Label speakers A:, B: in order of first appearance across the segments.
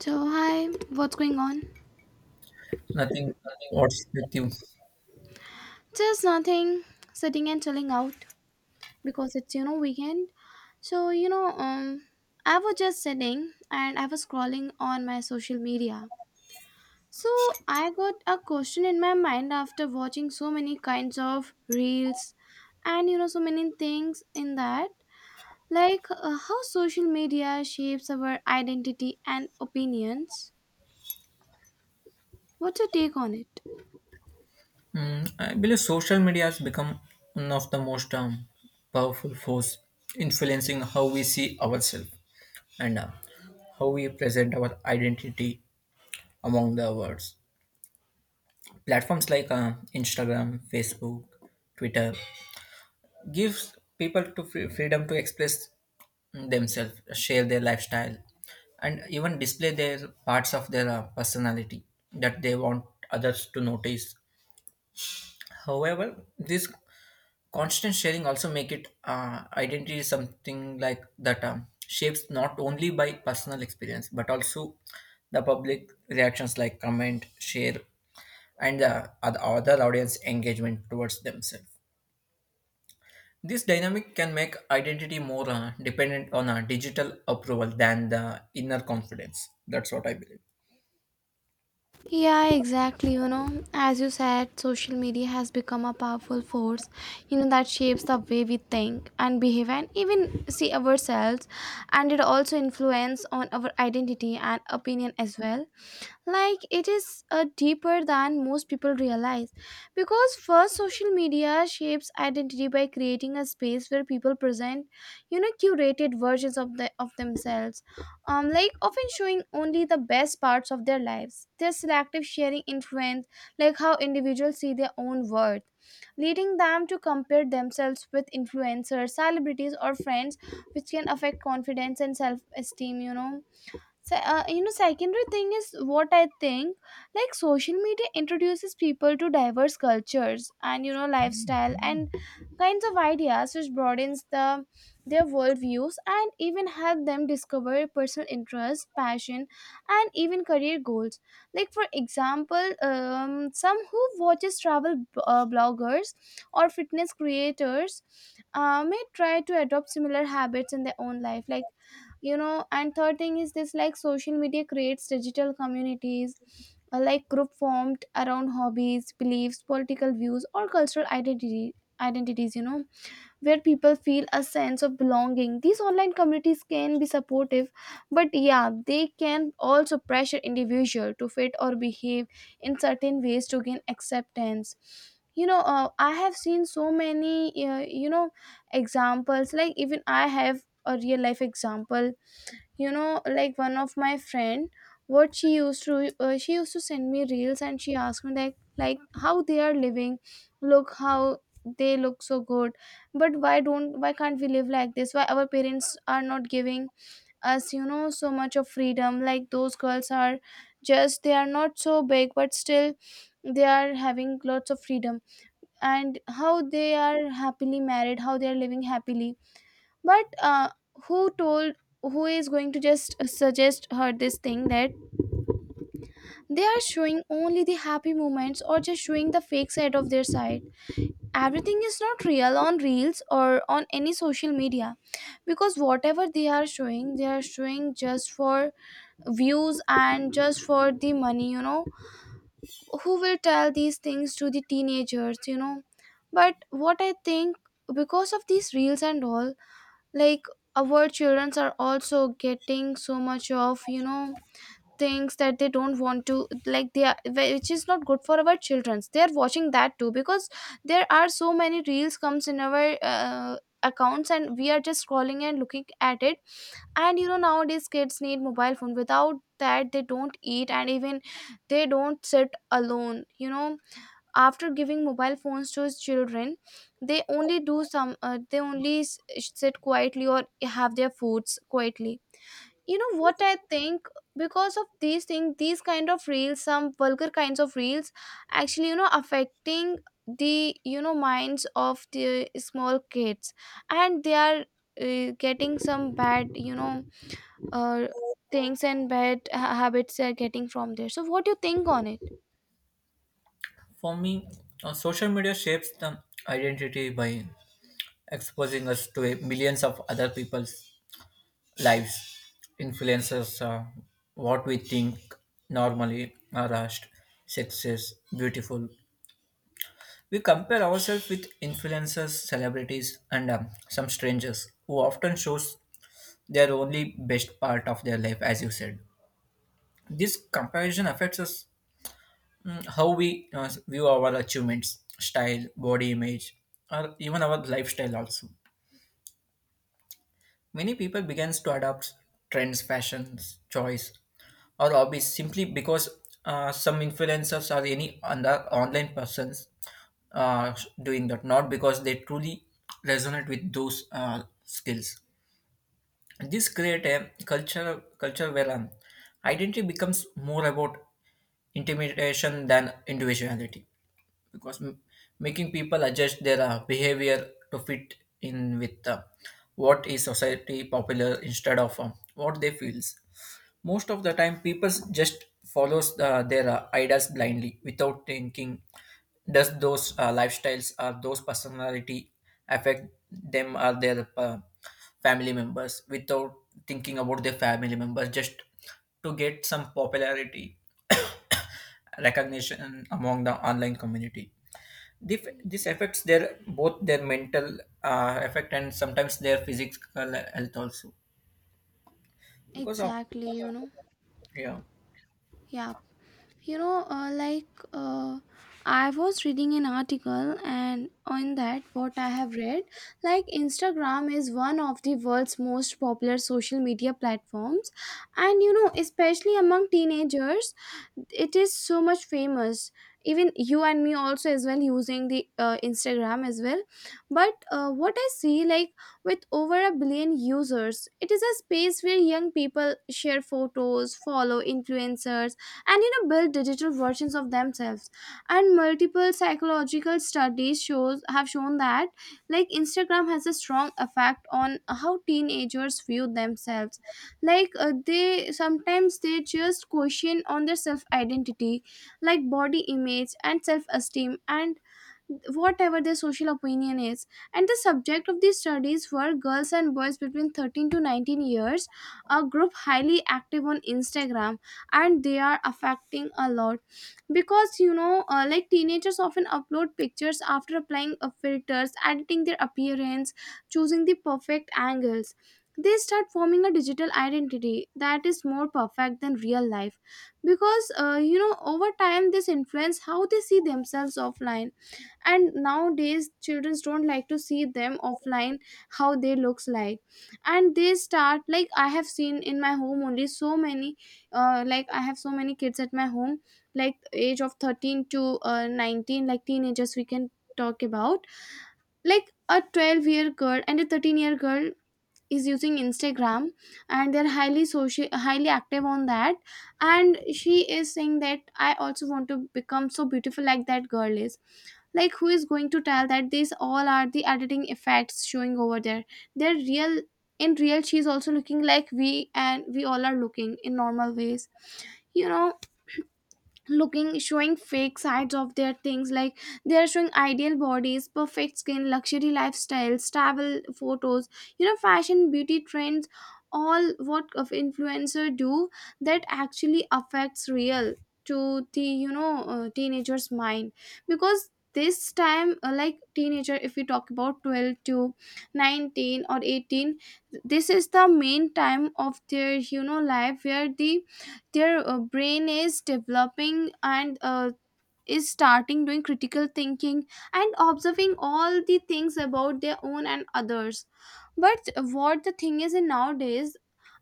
A: So, hi, what's going on?
B: Nothing. What's with you?
A: Just nothing, sitting and chilling out because it's weekend. So, you know, um, I was just sitting and I was scrolling on my social media. So, I got a question in my mind after watching so many kinds of reels and you know, so many things in that, like how social media shapes our identity and opinions. What's your take on it?
B: Mm, I believe social media has become one of the most powerful force influencing how we see ourselves and how we present our identity among the worlds. Platforms like Instagram, Facebook, Twitter gives people to freedom to express themselves, share their lifestyle, and even display their parts of their personality that they want others to notice. However, this constant sharing also make it identity is something like that shapes not only by personal experience but also the public reactions like comment, share, and the other audience engagement towards themselves. This dynamic can make identity more dependent on a digital approval than the inner confidence. That's what I believe.
A: Yeah, exactly. You know, as you said, social media has become a powerful force, you know, that shapes the way we think and behave and even see ourselves. And it also influence on our identity and opinion as well. Like it is deeper than most people realize. Because first, social media shapes identity by creating a space where people present, you know, curated versions of themselves like often showing only the best parts of their lives. Their selective sharing influence, like how individuals see their own worth, leading them to compare themselves with influencers, celebrities, or friends, which can affect confidence and self esteem, you know. So, secondary thing is what I think like social media introduces people to diverse cultures and you know lifestyle and kinds of ideas, which broadens their worldviews and even help them discover personal interests, passion, and even career goals. Like for example, some who watches travel bloggers or fitness creators may try to adopt similar habits in their own life, like you know. And third thing is this, like social media creates digital communities, like group formed around hobbies, beliefs, political views, or cultural identity identities, you know, where people feel a sense of belonging. These online communities can be supportive, but yeah, they can also pressure individual to fit or behave in certain ways to gain acceptance, you know. I have seen so many examples. Like even I have a real life example, you know. Like one of my friend, what she used to send me reels and she asked me like, how they are living, look how they look so good. But why can't we live like this? Why our parents are not giving us, you know, so much of freedom? Like those girls are, just they are not so big, but still they are having lots of freedom, and how they are happily married, how they are living happily. But who told, who is going to just suggest her this thing, that they are showing only the happy moments or just showing the fake side of their side? Everything is not real on reels or on any social media, because whatever they are showing just for views and just for the money, you know. Who will tell these things to the teenagers, you know? But what I think, because of these reels and all, like, our children are also getting so much of, you know, things that they don't want to. Like they are, which is not good for our childrens. They are watching that too, because there are so many reels comes in our accounts, and we are just scrolling and looking at it. And you know, nowadays kids need mobile phone, without that they don't eat, and even they don't sit alone, you know. After giving mobile phones to his children, they only do some they only sit quietly or have their foods quietly. You know what I think, because of these things, these kind of reels, some vulgar kinds of reels, actually, you know, affecting the, you know, minds of the small kids, and they are getting some bad, you know, uh, things and bad habits they're getting from there. So what do you think on it?
B: For me, social media shapes the identity by exposing us to a millions of other people's lives influences what we think normally are rushed, success, beautiful. We compare ourselves with influencers, celebrities, and some strangers who often shows their only best part of their life, as you said. This comparison affects us, how we view our achievements, style, body image, or even our lifestyle also. Many people began to adopt trends, fashions, choice, or hobbies simply because some influencers or any other online persons uh, doing that, not because they truly resonate with those skills. This create a culture where identity becomes more about intimidation than individuality, because making people adjust their behavior to fit in with what is society popular instead of what they feels. Most of the time people just follows their ideas blindly without thinking does those lifestyles or those personality affect them or their family members, without thinking about their family members, just to get some popularity recognition among the online community. This affects their both their mental effect and sometimes their physical health also, because of.
A: Exactly, you know.
B: Yeah,
A: Yeah, you know, like, I was reading an article, and on that what I have read, like Instagram is one of the world's most popular social media platforms, and you know, especially among teenagers, it is so much famous. Even you and me also as well using the Instagram as well. But what I see, like, with over a billion users, it is a space where young people share photos, follow influencers, and you know, build digital versions of themselves. And multiple psychological studies shows have shown that, like, Instagram has a strong effect on how teenagers view themselves. Like they sometimes, they just question on their self identity, like body image and self esteem and whatever their social opinion is. And the subject of these studies were girls and boys between 13 to 19 years, a group highly active on Instagram, and they are affecting a lot. Because you know like teenagers often upload pictures after applying filters, editing their appearance, choosing the perfect angles, they start forming a digital identity that is more perfect than real life. Because you know, over time this influence how they see themselves offline. And nowadays children don't like to see them offline, how they looks like. And they start, like I have seen in my home only so many like I have so many kids at my home, like age of 13 to 19, like teenagers we can talk about. Like a 12-year girl and a 13-year girl is using Instagram, and they're highly social, highly active on that. And she is saying that I also want to become so beautiful like that girl is. Like who is going to tell that these all are the editing effects showing over there? They're real. In real she's also looking like we, and we all are looking in normal ways, you know. Looking, showing fake sides of their things, like they are showing ideal bodies, perfect skin, luxury lifestyles, travel photos, you know, fashion beauty trends, all what of influencer do, that actually affects real to the, you know, teenager's mind. Because this time like teenager if we talk about 12 to 19 or 18, this is the main time of their, you know, life, where the their brain is developing, and is starting doing critical thinking and observing all the things about their own and others. But what the thing is in nowadays,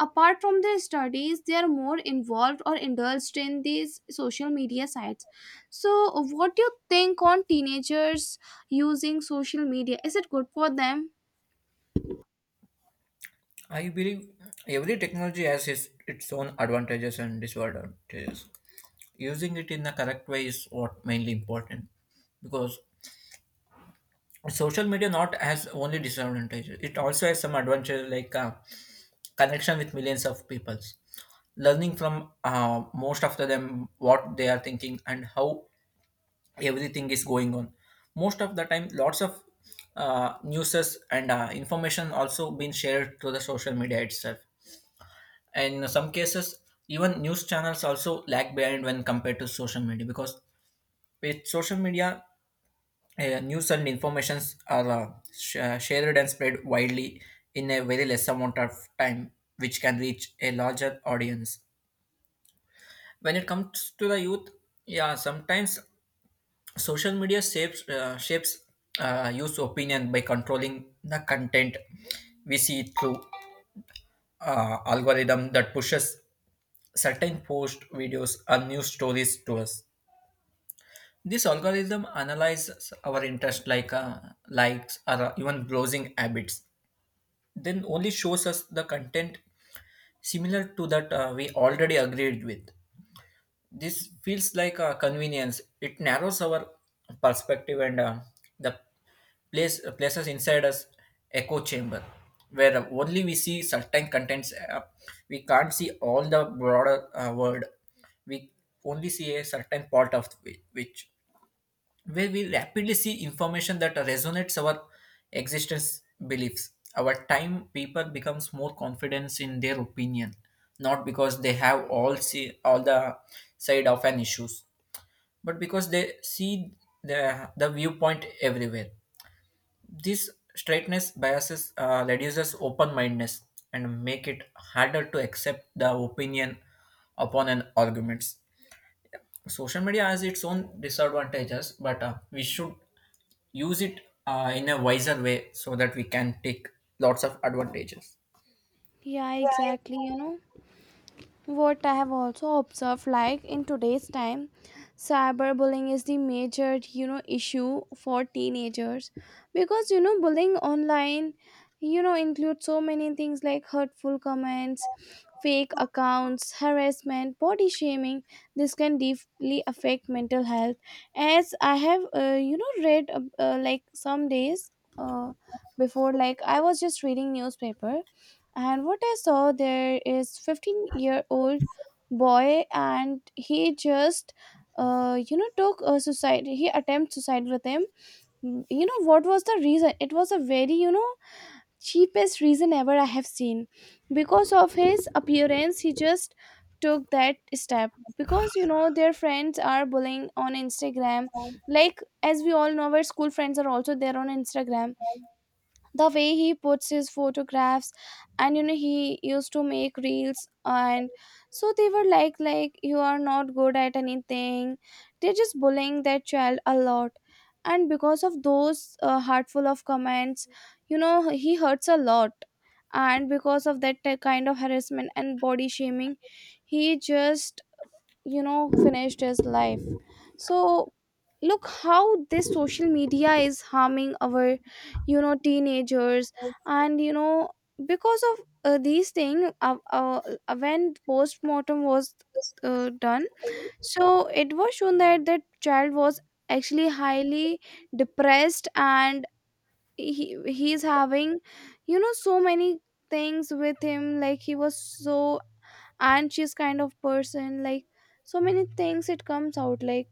A: apart from their studies they are more involved or indulged in these social media sites. So what do you think on teenagers using social media, is it good for them?
B: I believe every technology has its own advantages and disadvantages. Using it in the correct way is what mainly important, because social media not has only disadvantages, it also has some advantages like connection with millions of peoples, learning from most of them what they are thinking and how everything is going on. Most of the time lots of newses and information also been shared through the social media itself, and in some cases even news channels also lag behind when compared to social media, because with social media news and informations are shared and spread widely in a very less amount of time, which can reach a larger audience. When it comes to the youth, yeah, sometimes social media shapes user opinion by controlling the content we see through algorithm that pushes certain post videos and news stories to us. This algorithm analyzes our interest like likes or even browsing habits, then only shows us the content similar to that we already agreed with. This feels like a convenience. It narrows our perspective and the places inside us echo chamber where only we see certain contents. We can't see all the broader world. We only see a certain part of which where we rapidly see information that resonates our existence beliefs. Over time, people becomes more confident in their opinion, not because they have all see all the side of an issues, but because they see the viewpoint everywhere. This straightness biases reduces open mindedness and make it harder to accept the opinion upon an arguments. Social media has its own disadvantages, but we should use it in a wiser way so that we can take lots of advantages.
A: Yeah, exactly. You know, what I have also observed, like in today's time, cyberbullying is the major, you know, issue for teenagers, because you know bullying online, you know, includes so many things like hurtful comments, fake accounts, harassment, body shaming. This can deeply affect mental health. As I have, you know, read like some days uh, before, like I was just reading newspaper, and what I saw there is 15-year-old boy, and he just you know took a suicide, he attempt suicide with him. Mm, you know what was the reason? It was a very, you know, cheapest reason ever I have seen. Because of his appearance he just took that step, because you know their friends are bullying on Instagram. Like as we all know our school friends are also there on Instagram, the way he puts his photographs, and you know he used to make reels. And so they were like, you are not good at anything. They're just bullying their child a lot, and because of those heartful of comments, you know, he hurts a lot. And because of that kind of harassment and body shaming, he just, you know, finished his life. So look how this social media is harming our, you know, teenagers. And you know, because of these things, when post-mortem was done, so it was shown that that child was actually highly depressed, and he's having, you know, so many things with him. Like he was so anxious kind of person, like so many things it comes out like.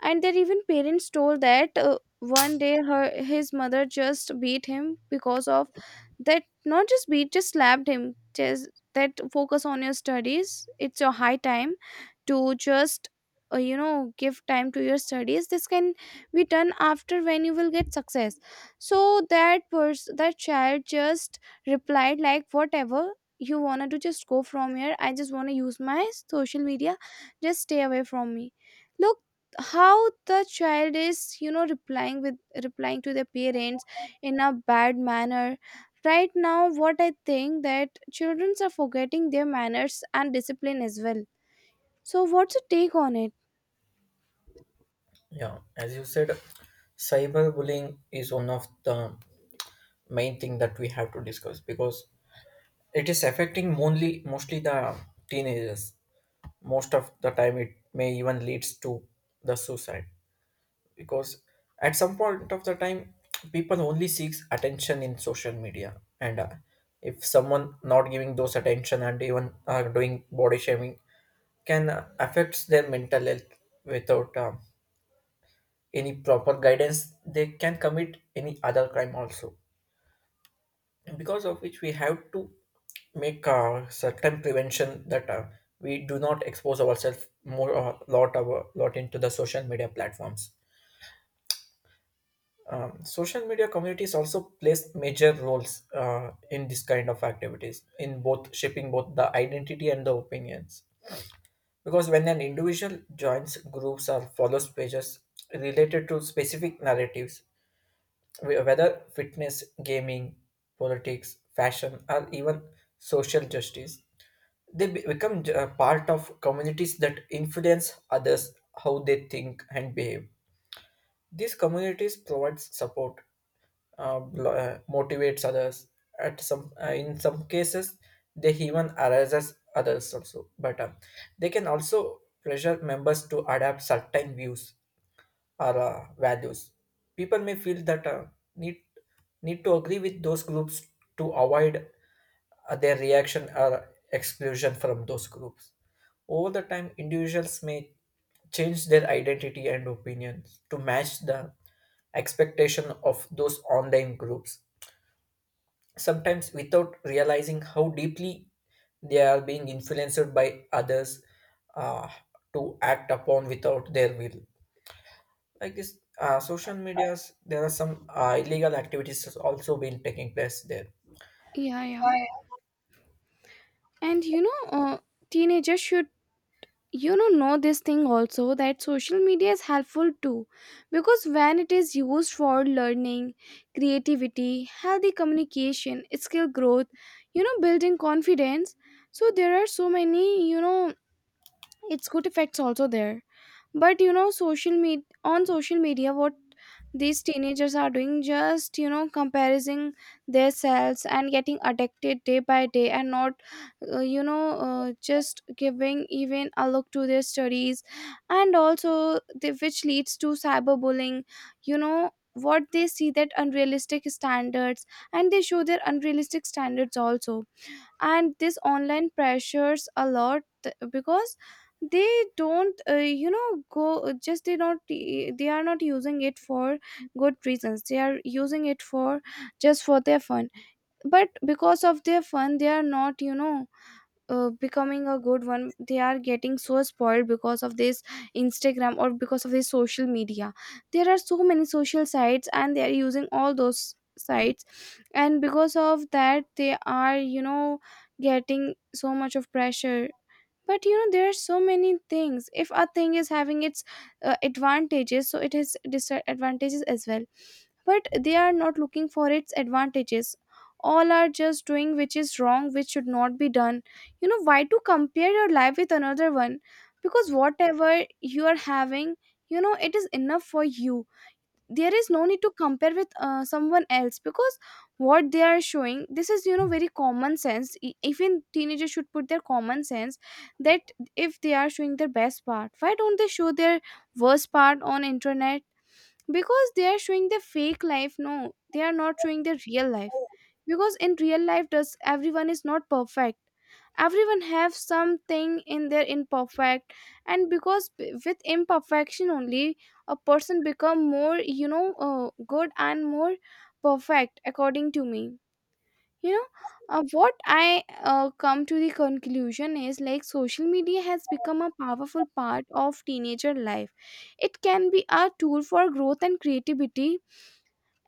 A: And there even parents told that one day her his mother just beat him because of that, not just beat, just slapped him, just that focus on your studies, it's your high time to just you know give time to your studies, this can be done after when you will get success. So that person, that child, just replied like, whatever you wanna do just go from here, I just wanna use my social media, just stay away from me. Look how the child is, you know, replying to their parents in a bad manner. Right now what I think, that children are forgetting their manners and discipline as well. So what's your take on it?
B: Yeah, as you said, cyberbullying is one of the main thing that we have to discuss because it is affecting only mostly the teenagers. Most of the time, it may even leads to the suicide, because at some point of the time, people only seeks attention in social media, and if someone not giving those attention and even doing body shaming can affects their mental health. Without any proper guidance they can commit any other crime also, because of which we have to make certain prevention that we do not expose ourselves more a lot our lot into the social media platforms. Social media communities also plays major roles in this kind of activities in both shaping both the identity and the opinions. Because when an individual joins groups or follows pages related to specific narratives, whether fitness, gaming, politics, fashion, or even social justice, they become a part of communities that influence others how they think and behave. These communities provide support, motivates others. At some, in some cases, they even arises others also. But they can also pressure members to adapt certain views or values. People may feel that need need to agree with those groups to avoid their reaction or exclusion from those groups. Over the time, individuals may change their identity and opinions to match the expectation of those online groups, sometimes without realizing how deeply they are being influenced by others uh, to act upon without their will. Like this, social medias, there are some illegal activities has also been taking place there.
A: Yeah, yeah.
B: I,
A: And you know, teenagers should, you know this thing also, that social media is Helpful too, because when it is used for learning, creativity, healthy communication, skill growth, building confidence. So there are so many, it's good effects also there. But social media, on social media, what these teenagers are doing, just comparing their selves and getting addicted day by day, and not just giving even a look to their studies. And also which leads to cyberbullying. You know what they see, that unrealistic standards, and they show their unrealistic standards also. And this online pressures a lot because they don't go, just they are not using it for good reasons. They are using it for just for their fun. But because of their fun they are not becoming a good one. They are getting so spoiled because of this Instagram, or because of this social media. There are so many social sites and they are using all those sites, and because of that they are, getting so much of pressure. But there are so many things, if a thing is having its advantages, so it has disadvantages as well, but they are not looking for its advantages. All are just doing which is wrong, which should not be done. Why to compare your life with another one? Because whatever you are having, it is enough for you. There is no need to compare with someone else, because what they are showing, this is, very common sense. Even teenagers should put their common sense, that if they are showing their best part, why don't they show their worst part on internet? Because they are showing the fake life. No, they are not showing the real life. Because in real life, does everyone is not perfect. Everyone have something in their imperfect, and because with imperfection only a person become more, good and more perfect, according to me. you know what I come to the conclusion is, like, social media has become a powerful part of teenager life. It can be a tool for growth and creativity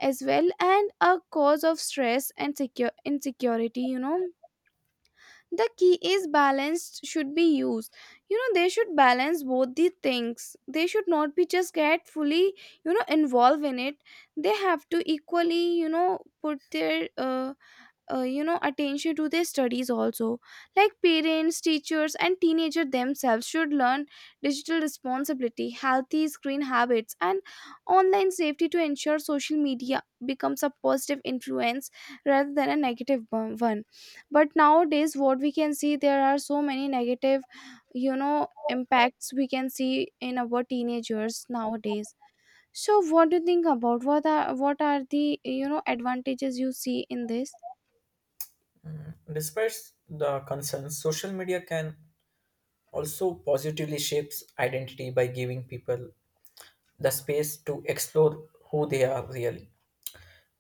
A: as well, and a cause of stress and secure insecurity. The key is balanced should be used. They should balance both the things, they should not be just get fully involved in it. They have to equally put their attention to their studies also. Like parents, teachers and teenagers themselves should learn digital responsibility, healthy screen habits and online safety, to ensure social media becomes a positive influence rather than a negative one. But nowadays what we can see, there are so many negative impacts we can see in our teenagers nowadays. So what do you think about, what are the, advantages you see in this?
B: despite the concerns, social media can also positively shapes identity by giving people the space to explore who they are really.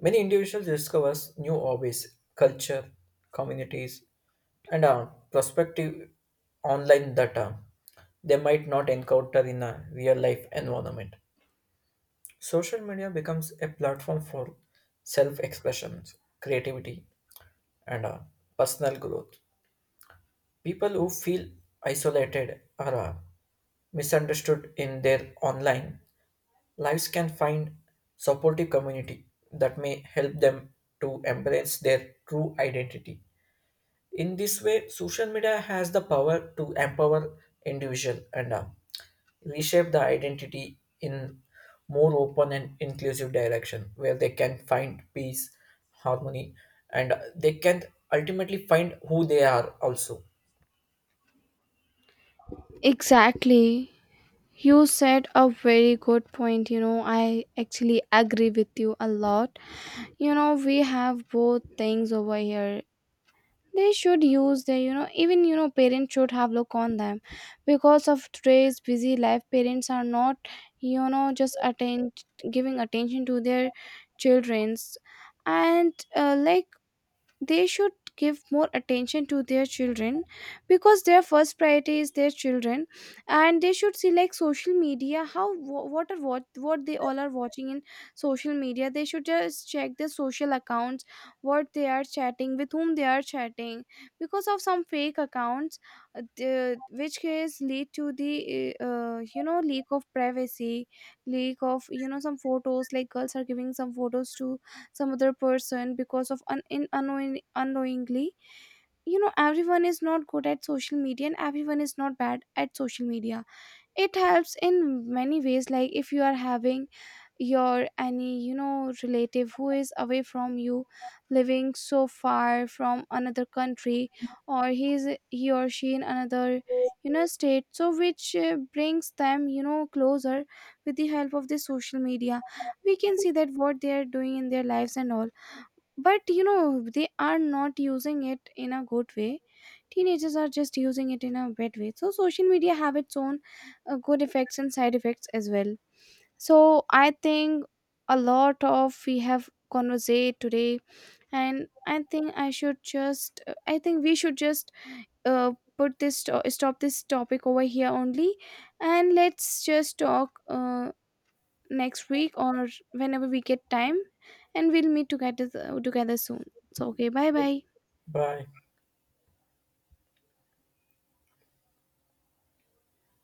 B: Many individuals discovers new hobbies, culture, communities, and prospective online data they might not encounter in a real life environment. Social media becomes a platform for self expression, creativity, and personal growth. People who feel isolated or misunderstood in their online lives can find supportive community that may help them to embrace their true identity. In this way, social media has the power to empower individual and reshape the identity in more open and inclusive direction, where they can find peace, harmony, and they can ultimately find who they are also.
A: Exactly. You said a very good point. You know, I actually agree with you a lot. You know, we have both things over here. They should use their, even, parents should have look on them. Because of today's busy life, parents are not, just attend giving attention to their children's. And like they should give more attention to their children, because their first priority is their children. And they should see, like, social media, how what they all are watching in social media. They should just check their social accounts, what they are chatting, with whom they are chatting, because of some fake accounts. Which case lead to the leak of privacy, leak of, some photos. Like girls are giving some photos to some other person, because of in unknowingly. You know, everyone is not good at social media and everyone is not bad at social media. It helps in many ways. Like, if you are having your any, relative who is away from you, living so far from another country, or he or she in another, state, so which brings them, closer, with the help of the social media. We can see that what they are doing in their lives and all. But you know they are not using it in a good way. Teenagers are just using it in a bad way. So social media have its own good effects and side effects as well. So I think a lot of we have conversate today, and I think we should just uh, put stop this topic over here only. And let's just talk, next week or whenever we get time, and we'll meet together soon. So okay, bye bye.
B: Bye.